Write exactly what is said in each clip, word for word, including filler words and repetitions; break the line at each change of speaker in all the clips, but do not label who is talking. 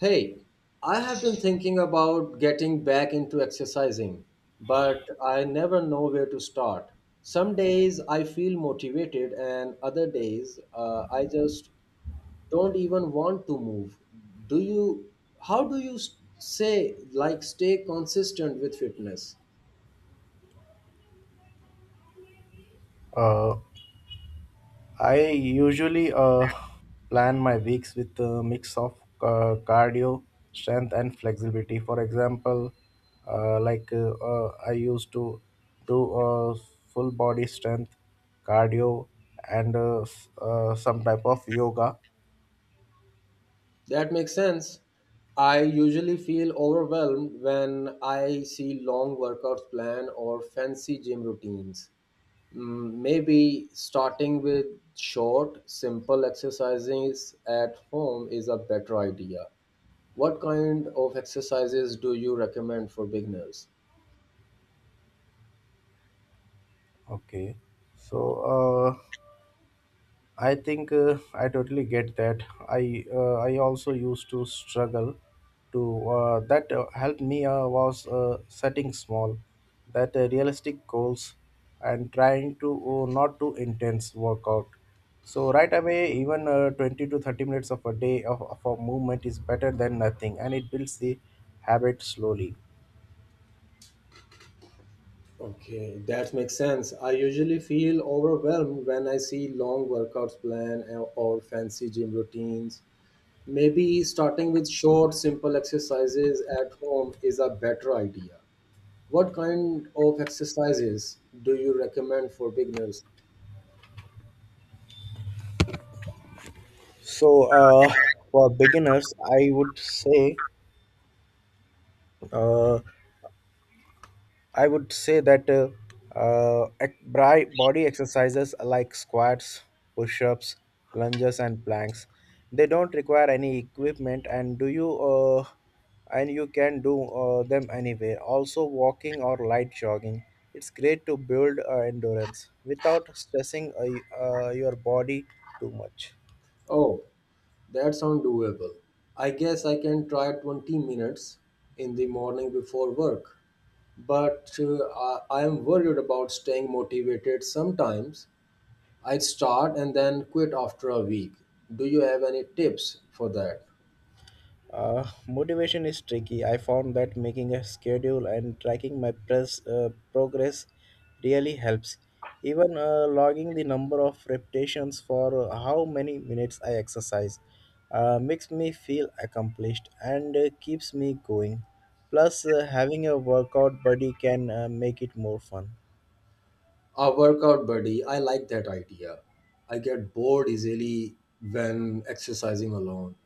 Hey, I have been thinking about getting back into exercising, but I never know where to start. Some days I feel motivated, and other days uh, I just don't even want to move. Do you, how do you s- say, like, stay consistent with fitness?
Uh, I usually uh, plan my weeks with a mix of uh, cardio, strength, and flexibility. For example, uh, like uh, uh, I used to do uh, full body strength, cardio, and uh, s- uh, some type of yoga.
That makes sense. I usually feel overwhelmed when I see long workouts plan or fancy gym routines. Mm, Maybe starting with short, simple exercises at home is a better idea. What kind of exercises do you recommend for beginners?
Okay, so uh, I think uh, I totally get that. I uh, I also used to struggle to uh, that uh, helped me uh, was uh, setting small, that uh, realistic goals, and trying to uh, not do intense workout. So right away, even uh, twenty to thirty minutes of a day of, of a movement is better than nothing, and it builds the habit slowly.
Okay, that makes sense. I usually feel overwhelmed when I see long workouts plan or or fancy gym routines. Maybe starting with short, simple exercises at home is a better idea. What kind of exercises do you recommend for beginners?
So uh, for beginners, I would say. Uh, I would say that uh, uh, ec- bri- body exercises like squats, push-ups, lunges, and planks. They don't require any equipment, and do you uh, and you can do uh, them anywhere. Also, walking or light jogging, it's great to build uh, endurance without stressing uh, y- uh, your body too much.
Oh, that sounds doable. I guess I can try twenty minutes in the morning before work. But uh, I I am worried about staying motivated sometimes. I start and then quit after a week. Do you have any tips for that?
Uh, motivation is tricky. I found that making a schedule and tracking my press, uh, progress really helps. Even uh, logging the number of repetitions for how many minutes I exercise uh, makes me feel accomplished and uh, keeps me going. Plus, uh, having a workout buddy can uh, make it more fun.
A workout buddy, I like that idea. I get bored easily when exercising alone.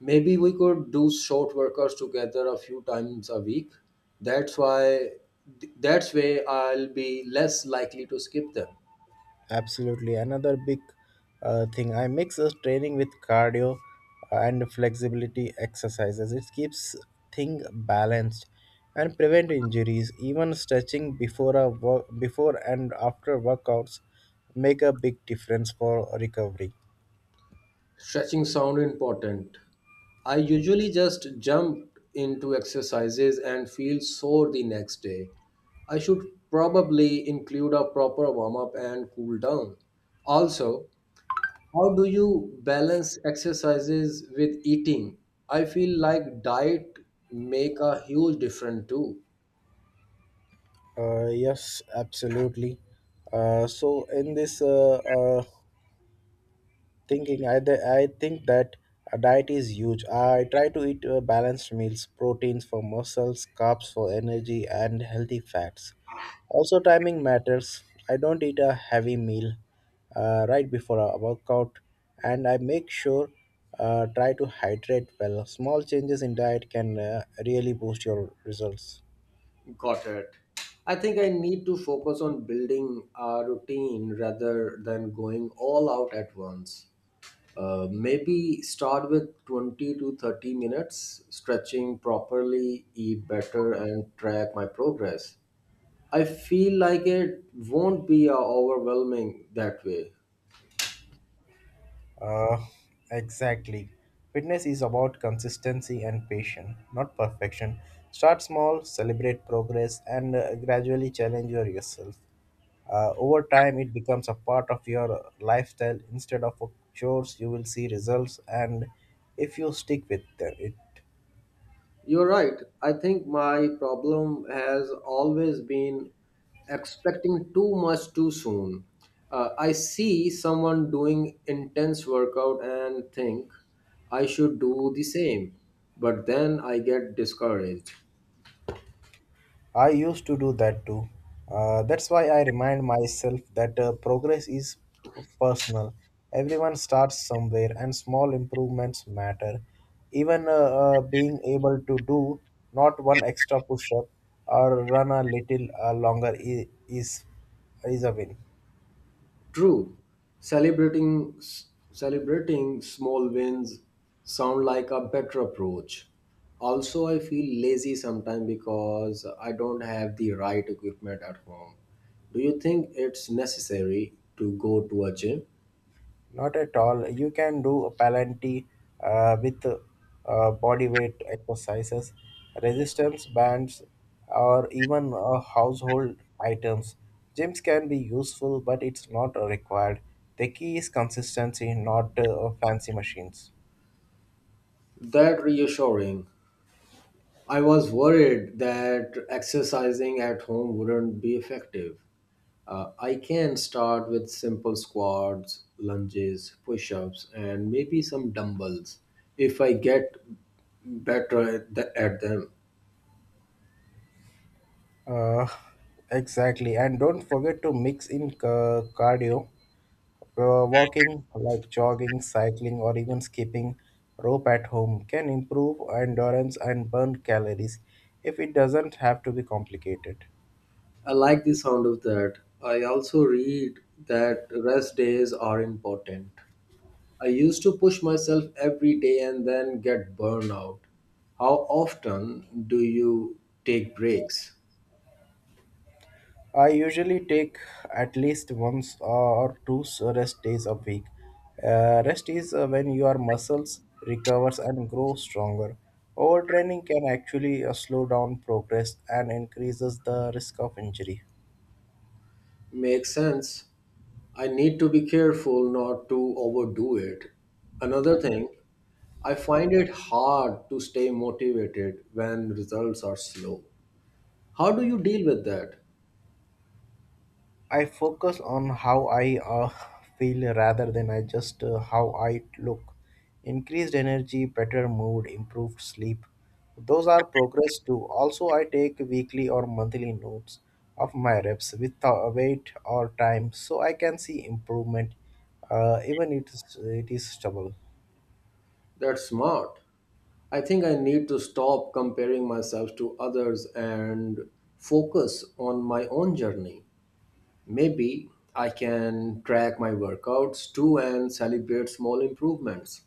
Maybe we could do short workers together a few times a week. That's why that's way I'll be less likely to skip them.
Absolutely. Another big uh, thing I mix is training with cardio uh, and flexibility exercises. It keeps thing balanced and prevent injuries. Even stretching before a work before and after workouts make a big difference for recovery.
Stretching sound important. I usually just jump into exercises and feel sore the next day. I should probably include a proper warm up and cool down. Also, how do you balance exercises with eating? I feel like diet make a huge difference too.
Uh, yes, absolutely. Uh, so in this uh, uh, thinking, i th- i think that a diet is huge. I try to eat uh, balanced meals, proteins for muscles, carbs for energy, and healthy fats. Also, timing matters. I don't eat a heavy meal uh, right before a workout, and I make sure uh, try to hydrate well. Small changes in diet can uh, really boost your results.
Got it. I think I need to focus on building a routine rather than going all out at once. Uh, maybe start with twenty to thirty minutes, stretching properly, eat better, and track my progress. I feel like it won't be uh, overwhelming that way.
Uh, exactly. Fitness is about consistency and patience, not perfection. Start small, celebrate progress, and uh, gradually challenge your- yourself. Uh, over time, it becomes a part of your lifestyle instead of a chores. You will see results, and if you stick with them, it.
You're right. I think my problem has always been expecting too much too soon. Uh, I see someone doing intense workout and think I should do the same, but then I get discouraged.
I used to do that too. Uh, that's why I remind myself that uh, progress is p- personal. Everyone starts somewhere, and small improvements matter. Even uh, uh, being able to do not one extra push up or run a little uh, longer is, is, is a win.
True, celebrating s- celebrating small wins sound like a better approach. Also, I feel lazy sometimes because I don't have the right equipment at home. Do you think it's necessary to go to a gym?
Not at all. You can do a Palanti uh, with uh, body weight exercises, resistance bands, or even uh, household items. Gyms can be useful, but it's not required. The key is consistency, not uh, fancy machines.
That reassuring. I was worried that exercising at home wouldn't be effective. Uh, I can start with simple squats, lunges, push ups, and maybe some dumbbells if I get better at, the, at them.
Uh, exactly. And don't forget to mix in ca- cardio. Uh, walking, like jogging, cycling, or even skipping rope at home, can improve endurance and burn calories if it doesn't have to be complicated.
I like the sound of that. I also read that rest days are important. I used to push myself every day and then get burned out. How often do you take breaks?
I usually take at least once or two rest days a week. Uh, rest is uh, when your muscles recovers and grow stronger. Overtraining can actually uh, slow down progress and increases the risk of injury.
Makes sense. I need to be careful not to overdo it. Another thing, I find it hard to stay motivated when results are slow. How do you deal with that?
I focus on how I uh, feel rather than I just uh, how I look. Increased energy, better mood, improved sleep. Those are progress too. Also, I take weekly or monthly notes of my reps with uh, weight or time so I can see improvement uh, even it is, it is stubble.
That's smart. I think I need to stop comparing myself to others and focus on my own journey. Maybe I can track my workouts too and celebrate small improvements.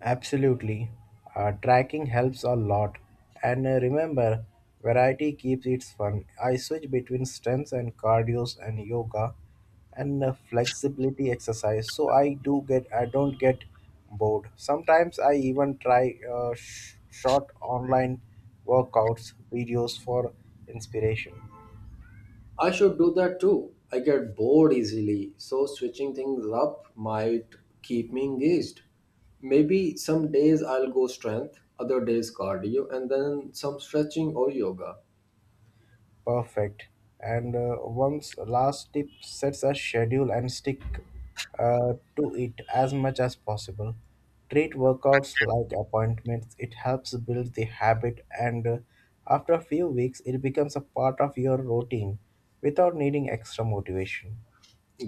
Absolutely. Uh, tracking helps a lot. And uh, remember, variety keeps it fun. I switch between strengths and cardios and yoga and uh, flexibility exercise so I do get I don't get bored. Sometimes I even try uh, sh- short online workouts videos for inspiration.
I should do that too. I get bored easily, so switching things up might keep me engaged. Maybe some days I'll go strength, other days cardio, and then some stretching or yoga.
Perfect. And uh, one's last tip sets a schedule and stick uh, to it as much as possible. Treat workouts like appointments, it helps build the habit, and uh, after a few weeks, it becomes a part of your routine without needing extra motivation.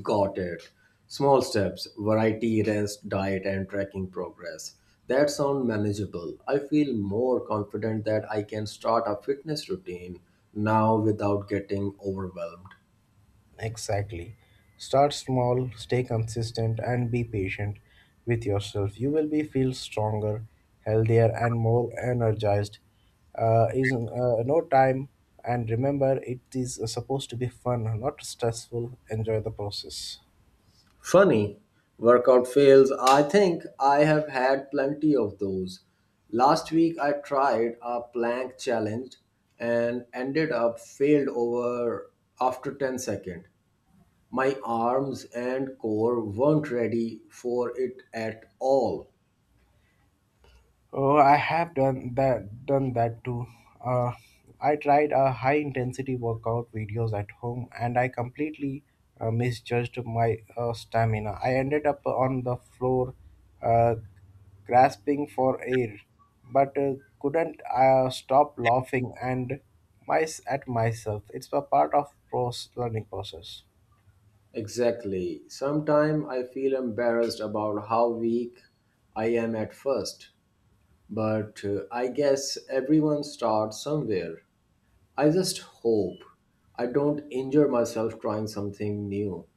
Got it. Small steps, variety, rest, diet, and tracking progress. That sound manageable. I feel more confident that I can start a fitness routine now without getting overwhelmed.
Exactly. Start small, stay consistent, and be patient with yourself. You will be feel stronger, healthier, and more energized. Uh, is uh, no time, and remember, it is supposed to be fun, not stressful. Enjoy the process.
Funny, workout fails. I think I have had plenty of those. Last week I tried a plank challenge and ended up failed over after ten seconds. My arms and core weren't ready for it at all.
Oh, I have done that done that too. Uh, I tried a high intensity workout videos at home and I completely uh, misjudged my uh, stamina. I ended up on the floor uh, grasping for air but uh, couldn't uh, stop laughing and my, at myself. It's a part of pros learning process.
Exactly. Sometimes I feel embarrassed about how weak I am at first, but uh, I guess everyone starts somewhere. I just hope I don't injure myself trying something new.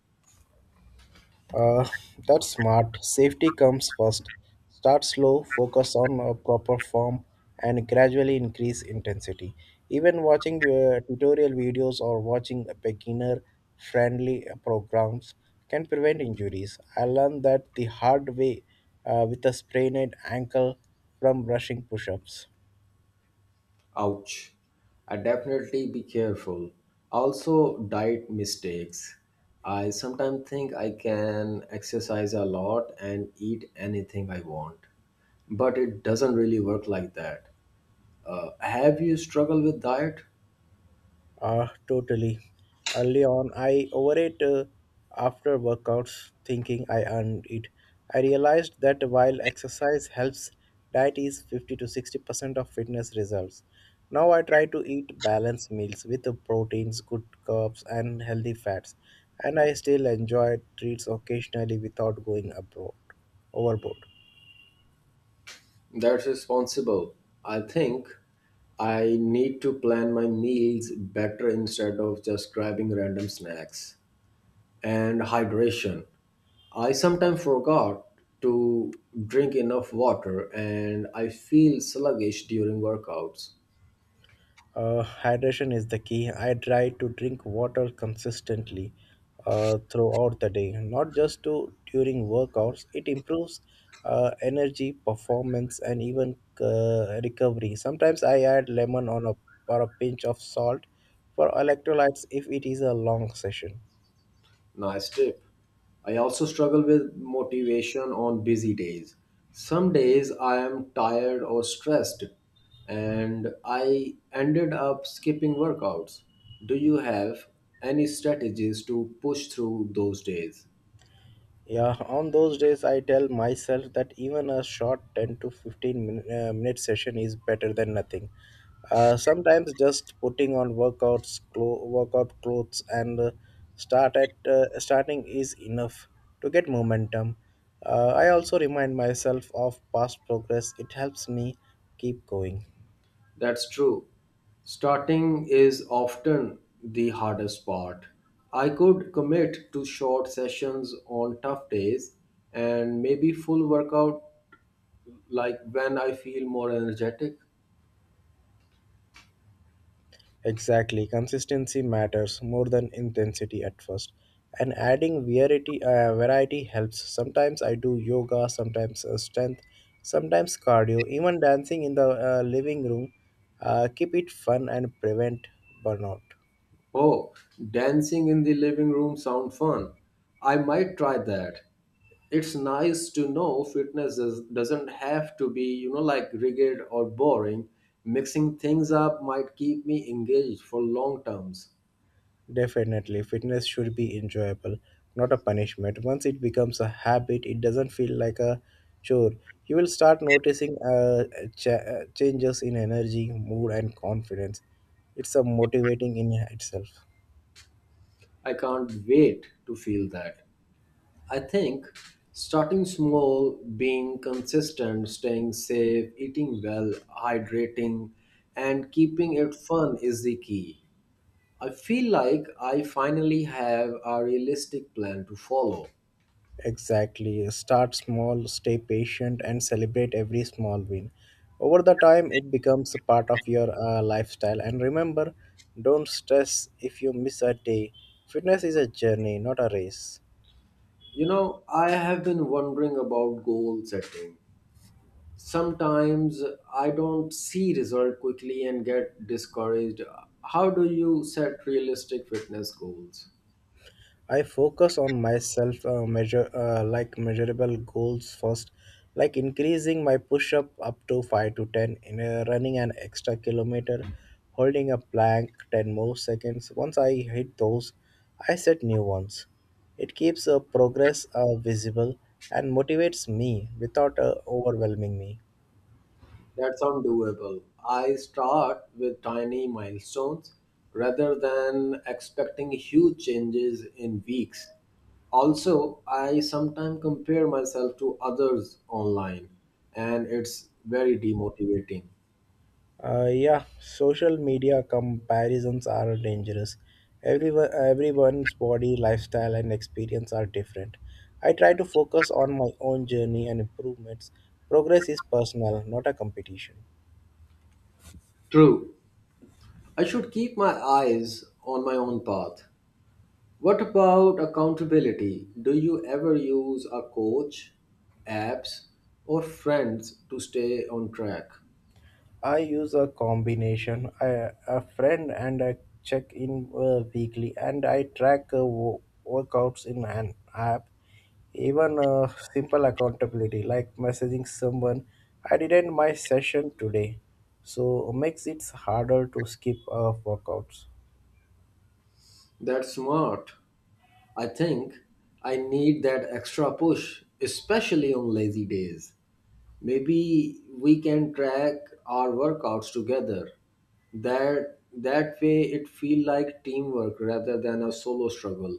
Uh, that's smart. Safety comes first. Start slow, focus on a proper form, and gradually increase intensity. Even watching uh, tutorial videos or watching beginner friendly programs can prevent injuries. I learned that the hard way uh, with a sprained ankle from rushing push ups.
Ouch. I definitely be careful. Also, diet mistakes. I sometimes think I can exercise a lot and eat anything I want, but it doesn't really work like that. Uh, have you struggled with diet?
Ah, totally. Early on, I overate uh, after workouts, thinking I earned it. I realized that while exercise helps, diet is fifty to sixty percent of fitness results. Now I try to eat balanced meals with the proteins, good carbs, and healthy fats, and I still enjoy treats occasionally without going abroad overboard.
That's responsible. I think I need to plan my meals better instead of just grabbing random snacks. And hydration. I sometimes forgot to drink enough water and I feel sluggish during workouts.
Uh, hydration is the key. I try to drink water consistently uh, throughout the day, not just to, during workouts. It improves uh, energy, performance, and even uh, recovery. Sometimes I add lemon on a or a pinch of salt for electrolytes if it is a long session.
Nice tip. I also struggle with motivation on busy days. Some days I am tired or stressed and I ended up skipping workouts. Do you have any strategies to push through those days?
Yeah, on those days, I tell myself that even a short ten to fifteen min- uh, minute session is better than nothing. Uh, sometimes just putting on workouts, clo- workout clothes, and uh, start at uh, starting is enough to get momentum. Uh, I also remind myself of past progress; it helps me keep going.
That's true. Starting is often the hardest part. I could commit to short sessions on tough days and maybe full workout like when I feel more energetic.
Exactly, consistency matters more than intensity at first. And adding variety, uh, variety helps. Sometimes I do yoga, sometimes uh, strength, sometimes cardio, even dancing in the uh, living room. Uh, keep it fun and prevent burnout.
Oh, dancing in the living room sound fun. I might try that. It's nice to know fitness does, doesn't have to be, you know, like rigid or boring. Mixing things up might keep me engaged for long terms.
Definitely, fitness should be enjoyable, not a punishment. Once it becomes a habit, it doesn't feel like a chore. You will start noticing uh, ch- uh, changes in energy, mood, and confidence. It's a motivating in itself.
I can't wait to feel that. I think starting small, being consistent, staying safe, eating well, hydrating, and keeping it fun is the key. I feel like I finally have a realistic plan to follow.
Exactly. Start small, stay patient, and celebrate every small win. Over the time, it becomes a part of your uh, lifestyle. And remember, don't stress if you miss a day. Fitness is a journey, not a race.
You know, I have been wondering about goal setting. Sometimes I don't see result quickly and get discouraged. How do you set realistic fitness goals?
I focus on myself uh, measure uh, like measurable goals first, like increasing my push up up to five to ten in a, running an extra kilometer, holding a plank ten more seconds. Once I hit those, I set new ones. It keeps uh, progress uh, visible and motivates me without uh, overwhelming me.
That sounds doable. I start with tiny milestones rather than expecting huge changes in weeks. Also, I sometimes compare myself to others online, and it's very demotivating.
Uh, yeah, social media comparisons are dangerous. Everyone, everyone's body, lifestyle, and experience are different. I try to focus on my own journey and improvements. Progress is personal, not a competition.
True, I should keep my eyes on my own path. What about accountability? Do you ever use a coach, apps, or friends to stay on track?
I use a combination, I, a friend and a check in uh, weekly, and I track uh, wo- workouts in an app. Even uh, simple accountability like messaging someone, I didn't my session today, so makes it harder to skip uh, workouts.
That's smart. I think I need that extra push, especially on lazy days. Maybe we can track our workouts together. That that way it feel like teamwork rather than a solo struggle.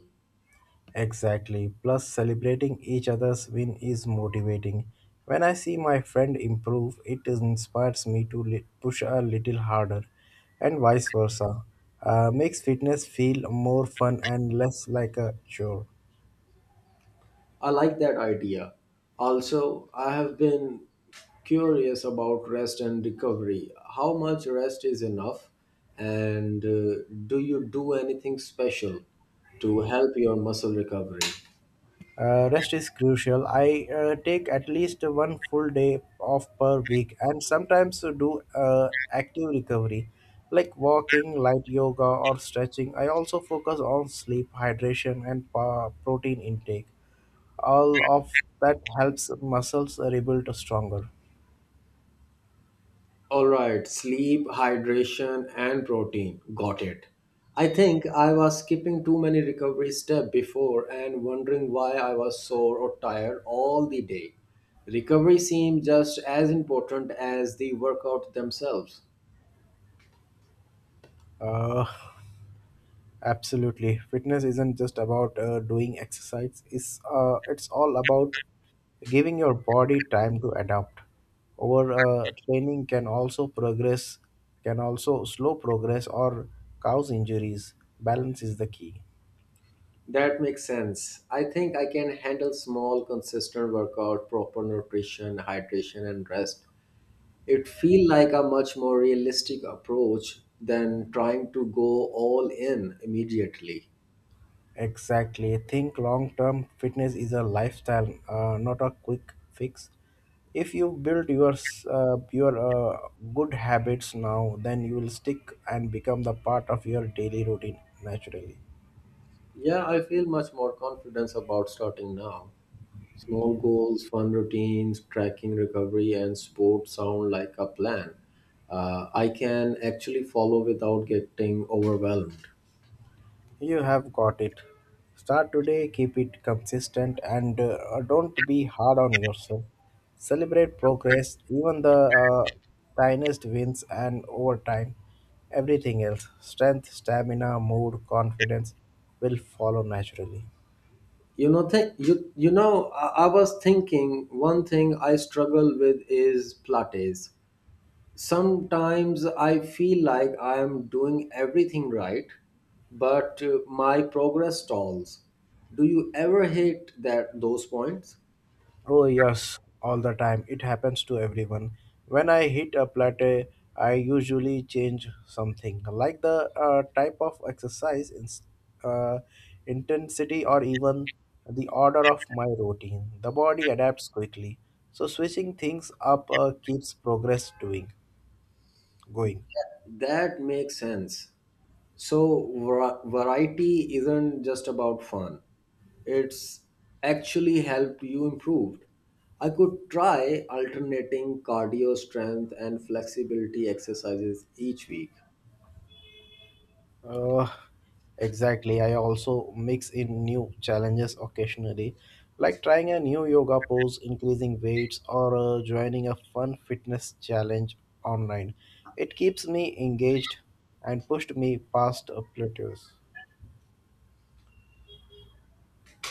Exactly. Plus, celebrating each other's win is motivating. When I see my friend improve, it inspires me to li- push a little harder, and vice versa. Uh, makes fitness feel more fun and less like a chore.
I like that idea. Also, I have been curious about rest and recovery. How much rest is enough? And uh, do you do anything special to help your muscle recovery?
Uh, rest is crucial. I uh, take at least one full day off per week and sometimes do uh, active recovery like walking, light yoga, or stretching. I also focus on sleep, hydration, and pa- protein intake. All of that helps muscles rebuild stronger.
All right, sleep, hydration, and protein. Got it. I think I was skipping too many recovery steps before and wondering why I was sore or tired all the day. Recovery seemed just as important as the workout themselves.
Uh, Absolutely. Fitness isn't just about uh, doing exercise. It's uh, it's all about giving your body time to adapt. Over uh, training can also progress can also slow progress or cause injuries. Balance is the key.
That makes sense. I think I can handle small, consistent workout, proper nutrition, hydration, and rest. It feels like a much more realistic approach than trying to go all in immediately.
Exactly. Think long term fitness is a lifestyle, uh, not a quick fix. If you build your s- uh, your uh, good habits now, then you will stick and become the part of your daily routine naturally.
Yeah, I feel much more confidence about starting now. Small goals, fun routines, tracking recovery, and sport sound like a plan. Uh, I can actually follow without getting overwhelmed.
You have got it. Start today, keep it consistent, and uh, don't be hard on yourself. Celebrate progress, even the uh, tiniest wins, and over time, everything else strength, stamina, mood, confidence will follow naturally.
You know, th- you you know, I-, I was thinking one thing I struggle with is plates. Sometimes I feel like I am doing everything right, but uh, my progress stalls. Do you ever hit that those points?
Oh, yes, all the time. It happens to everyone. When I hit a plateau, I usually change something, like the uh, type of exercise, ins- uh, intensity, or even the order of my routine. The body adapts quickly. So, switching things up uh, keeps progress doing, going.
That makes sense. So, var- variety isn't just about fun, it's actually helped you improve. I could try alternating cardio strength and flexibility exercises each week.
Uh, exactly. I also mix in new challenges occasionally, like trying a new yoga pose, increasing weights, or uh, joining a fun fitness challenge online. It keeps me engaged and pushed me past uh, plateaus.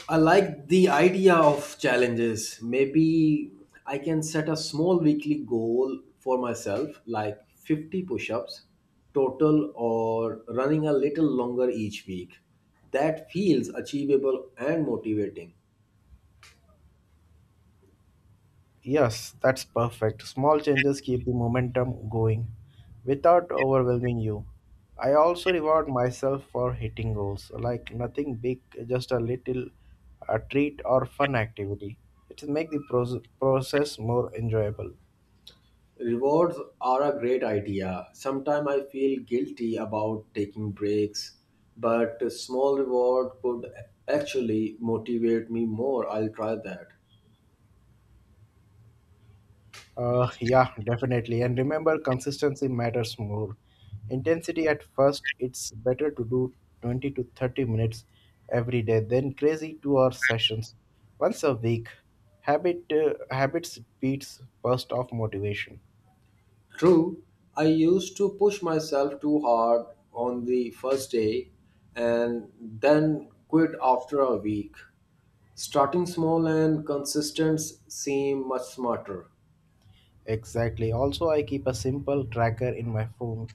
I like the idea of challenges. Maybe I can set a small weekly goal for myself, like fifty push ups total or running a little longer each week. That feels achievable and motivating.
Yes, that's perfect. Small changes keep the momentum going without overwhelming you. I also reward myself for hitting goals, like nothing big, just a little a treat or fun activity. It makes the proce- process more enjoyable.
Rewards are a great idea. Sometimes I feel guilty about taking breaks, but a small reward could actually motivate me more. I'll try that.
Uh, yeah, definitely. And remember, consistency matters more. Intensity at first, it's better to do twenty to thirty minutes every day than crazy two hour sessions once a week. Habit uh, habits beats burst of motivation.
True, I used to push myself too hard on the first day and then quit after a week. Starting small and consistent seem much smarter.
Exactly. Also, I keep a simple tracker in my phone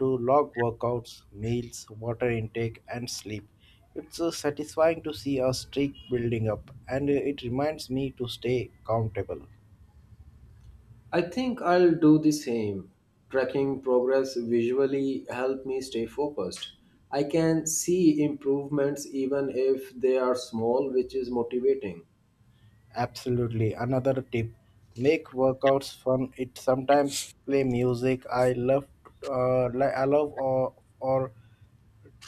to log workouts, meals, water intake, and sleep. It's uh, satisfying to see a streak building up, and uh, it reminds me to stay accountable.
I think I'll do the same. Tracking progress visually help me stay focused. I can see improvements even if they are small, which is motivating.
Absolutely. Another tip, make workouts fun. It sometimes play music. I love, uh, li- I love or, or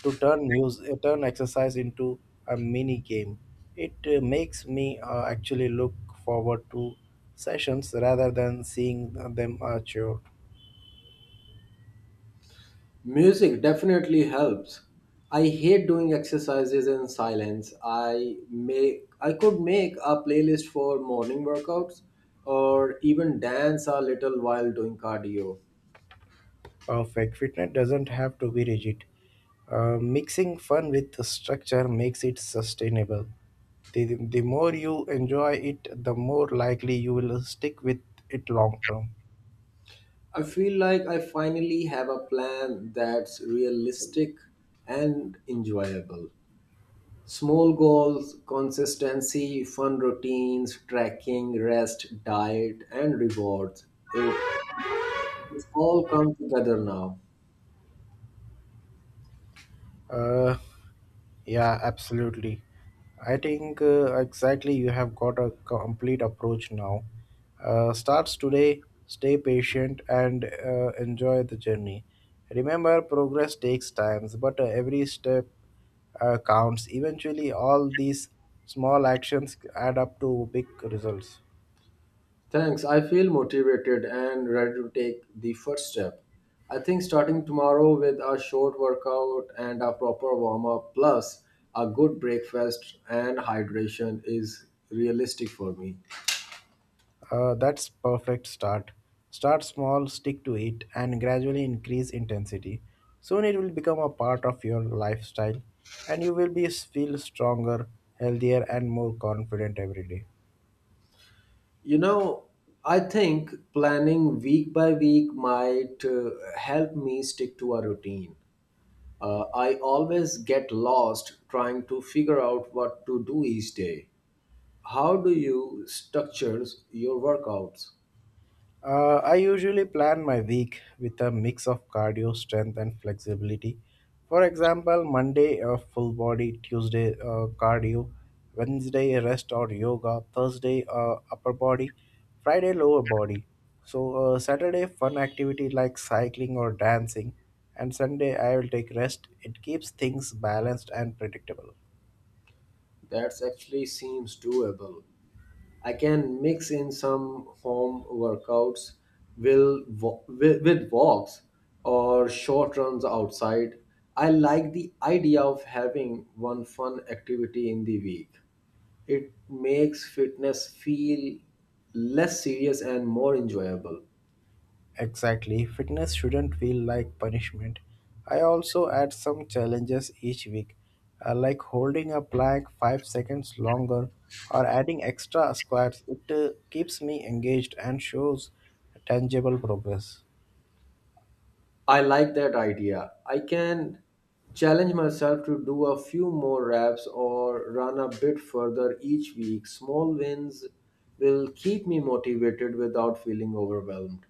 to turn music, turn exercise into a mini game. It uh, makes me uh, actually look forward to sessions rather than seeing them a chore.
Music definitely helps. I hate doing exercises in silence. I make I could make a playlist for morning workouts or even dance a little while doing cardio.
Perfect. Fitness doesn't have to be rigid. Uh, mixing fun with the structure makes it sustainable. The, the more you enjoy it, the more likely you will stick with it long term.
I feel like I finally have a plan that's realistic and enjoyable. Small goals, consistency, fun routines, tracking, rest, diet, and rewards. It it's all come together now.
Uh, yeah, absolutely. I think uh, exactly you have got a complete approach now. Uh, starts today, stay patient and uh, enjoy the journey. Remember, progress takes time, but uh, every step uh, counts. Eventually, all these small actions add up to big results.
Thanks. I feel motivated and ready to take the first step. I think starting tomorrow with a short workout and a proper warm up, plus a good breakfast and hydration, is realistic for me.
Uh, that's perfect start. Start small, stick to it, and gradually increase intensity. Soon it will become a part of your lifestyle, and you will be feel stronger, healthier, and more confident every day.
You know, I think planning week by week might uh, help me stick to a routine. Uh, I always get lost trying to figure out what to do each day. How do you structure your workouts?
Uh, I usually plan my week with a mix of cardio, strength, and flexibility. For example, Monday uh, full body, Tuesday uh, cardio, Wednesday rest or yoga, Thursday uh, upper body, Friday lower body. So uh, Saturday fun activity like cycling or dancing, and Sunday I will take rest. It keeps things balanced and predictable.
That actually seems doable. I can mix in some home workouts will wa- with, with walks or short runs outside. I like the idea of having one fun activity in the week. It makes fitness feel less serious and more enjoyable.
Exactly, fitness shouldn't feel like punishment. I also add some challenges each week, uh, like holding a plank five seconds longer or adding extra squats. It uh, keeps me engaged and shows tangible progress.
I like that idea. I can challenge myself to do a few more reps or run a bit further each week. Small wins will keep me motivated without feeling overwhelmed.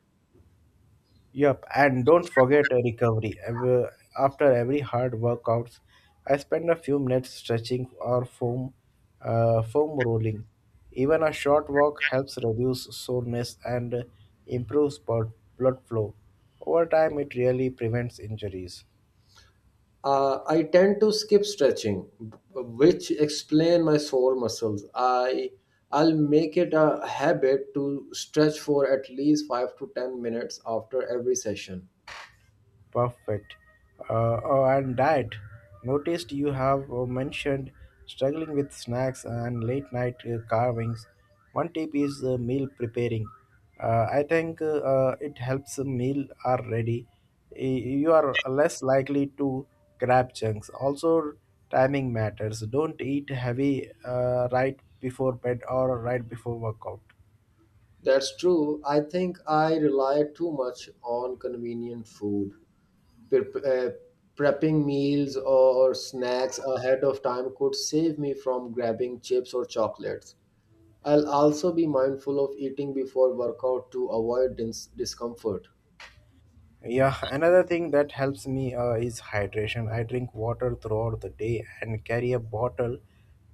Yep, and don't forget a recovery. Ev- After every hard workouts, I spend a few minutes stretching or foam, uh, foam rolling. Even a short walk helps reduce soreness and improves blood blood flow. Over time, it really prevents injuries.
Uh, I tend to skip stretching, b- which explain my sore muscles. I I'll make it a habit to stretch for at least five to ten minutes after every session.
Perfect. Uh, oh, and diet. Noticed you have uh, mentioned struggling with snacks and late night uh, carvings. One tip is uh, meal preparing. Uh, I think uh, uh, it helps a meal are ready. Y- You are less likely to grab chunks. Also, timing matters. Don't eat heavy uh, right before bed or right before workout.
That's true. I think I rely too much on convenient food Prep- uh, prepping meals or snacks ahead of time could save me from grabbing chips or chocolates. I'll also be mindful of eating before workout to avoid dis- discomfort.
Yeah, another thing that helps me uh, is hydration. I drink water throughout the day and carry a bottle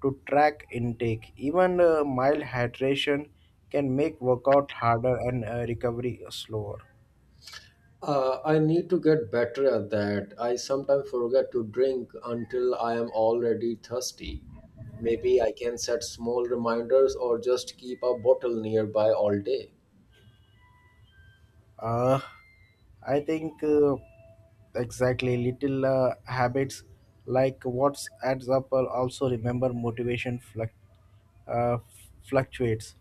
to track intake. Even uh, mild hydration can make workout harder and uh, recovery slower.
Uh, I need to get better at that. I sometimes forget to drink until I am already thirsty. Maybe I can set small reminders or just keep a bottle nearby all day.
Uh, I think uh, exactly little uh, habits like what's adds up. Are Also remember motivation fluc- uh, fluctuates.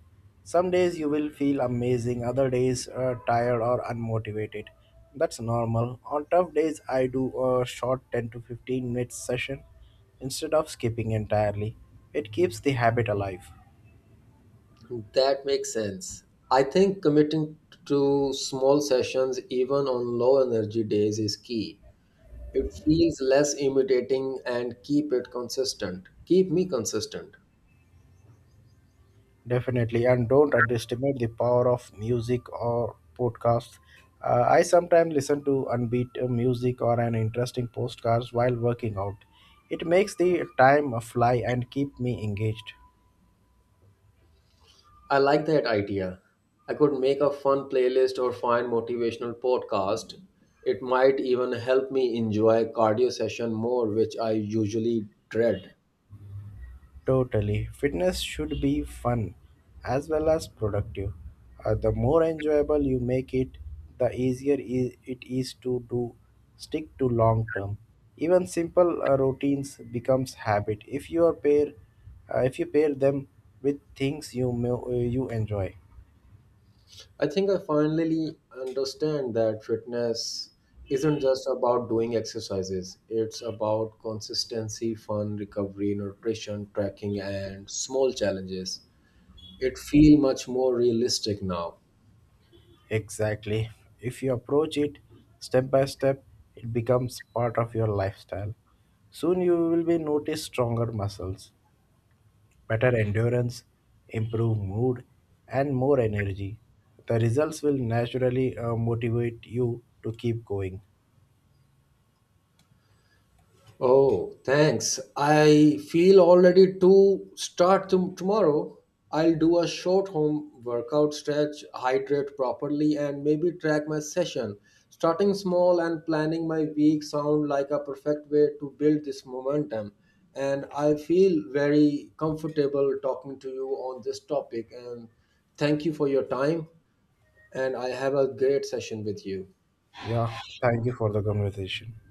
Some days you will feel amazing, other days uh, tired or unmotivated. That's normal. On tough days, I do a short ten to fifteen minutes session instead of skipping entirely. It keeps the habit alive.
That makes sense. I think committing to small sessions, even on low energy days, is key. It feels less intimidating and keep it consistent. Keep me consistent.
Definitely, and don't underestimate the power of music or podcasts. Uh, I sometimes listen to unbeat uh, music or an interesting podcast while working out. It makes the time fly and keep me engaged.
I like that idea. I could make a fun playlist or find motivational podcast. It might even help me enjoy cardio session more, which I usually dread.
Totally. Fitness should be fun as well as productive. Uh, the more enjoyable you make it, the easier i- it is to do stick to long term. Even simple uh, routines becomes habit if you are pair uh, if you pair them with things you mo- uh, you enjoy.
I think I finally understand that fitness isn't just about doing exercises. It's about consistency, fun, recovery, nutrition, tracking, and small challenges. It feels much more realistic now.
Exactly. If you approach it step by step, it becomes part of your lifestyle. Soon you will be notice stronger muscles, better endurance, improved mood, and more energy. The results will naturally uh, motivate you to keep going.
Oh, thanks. I feel all ready to start tom- tomorrow. I'll do a short home workout, stretch, hydrate properly, and maybe track my session. Starting small and planning my week sound like a perfect way to build this momentum. And I feel very comfortable talking to you on this topic. And thank you for your time. And I have a great session with you.
Yeah, thank you for the conversation.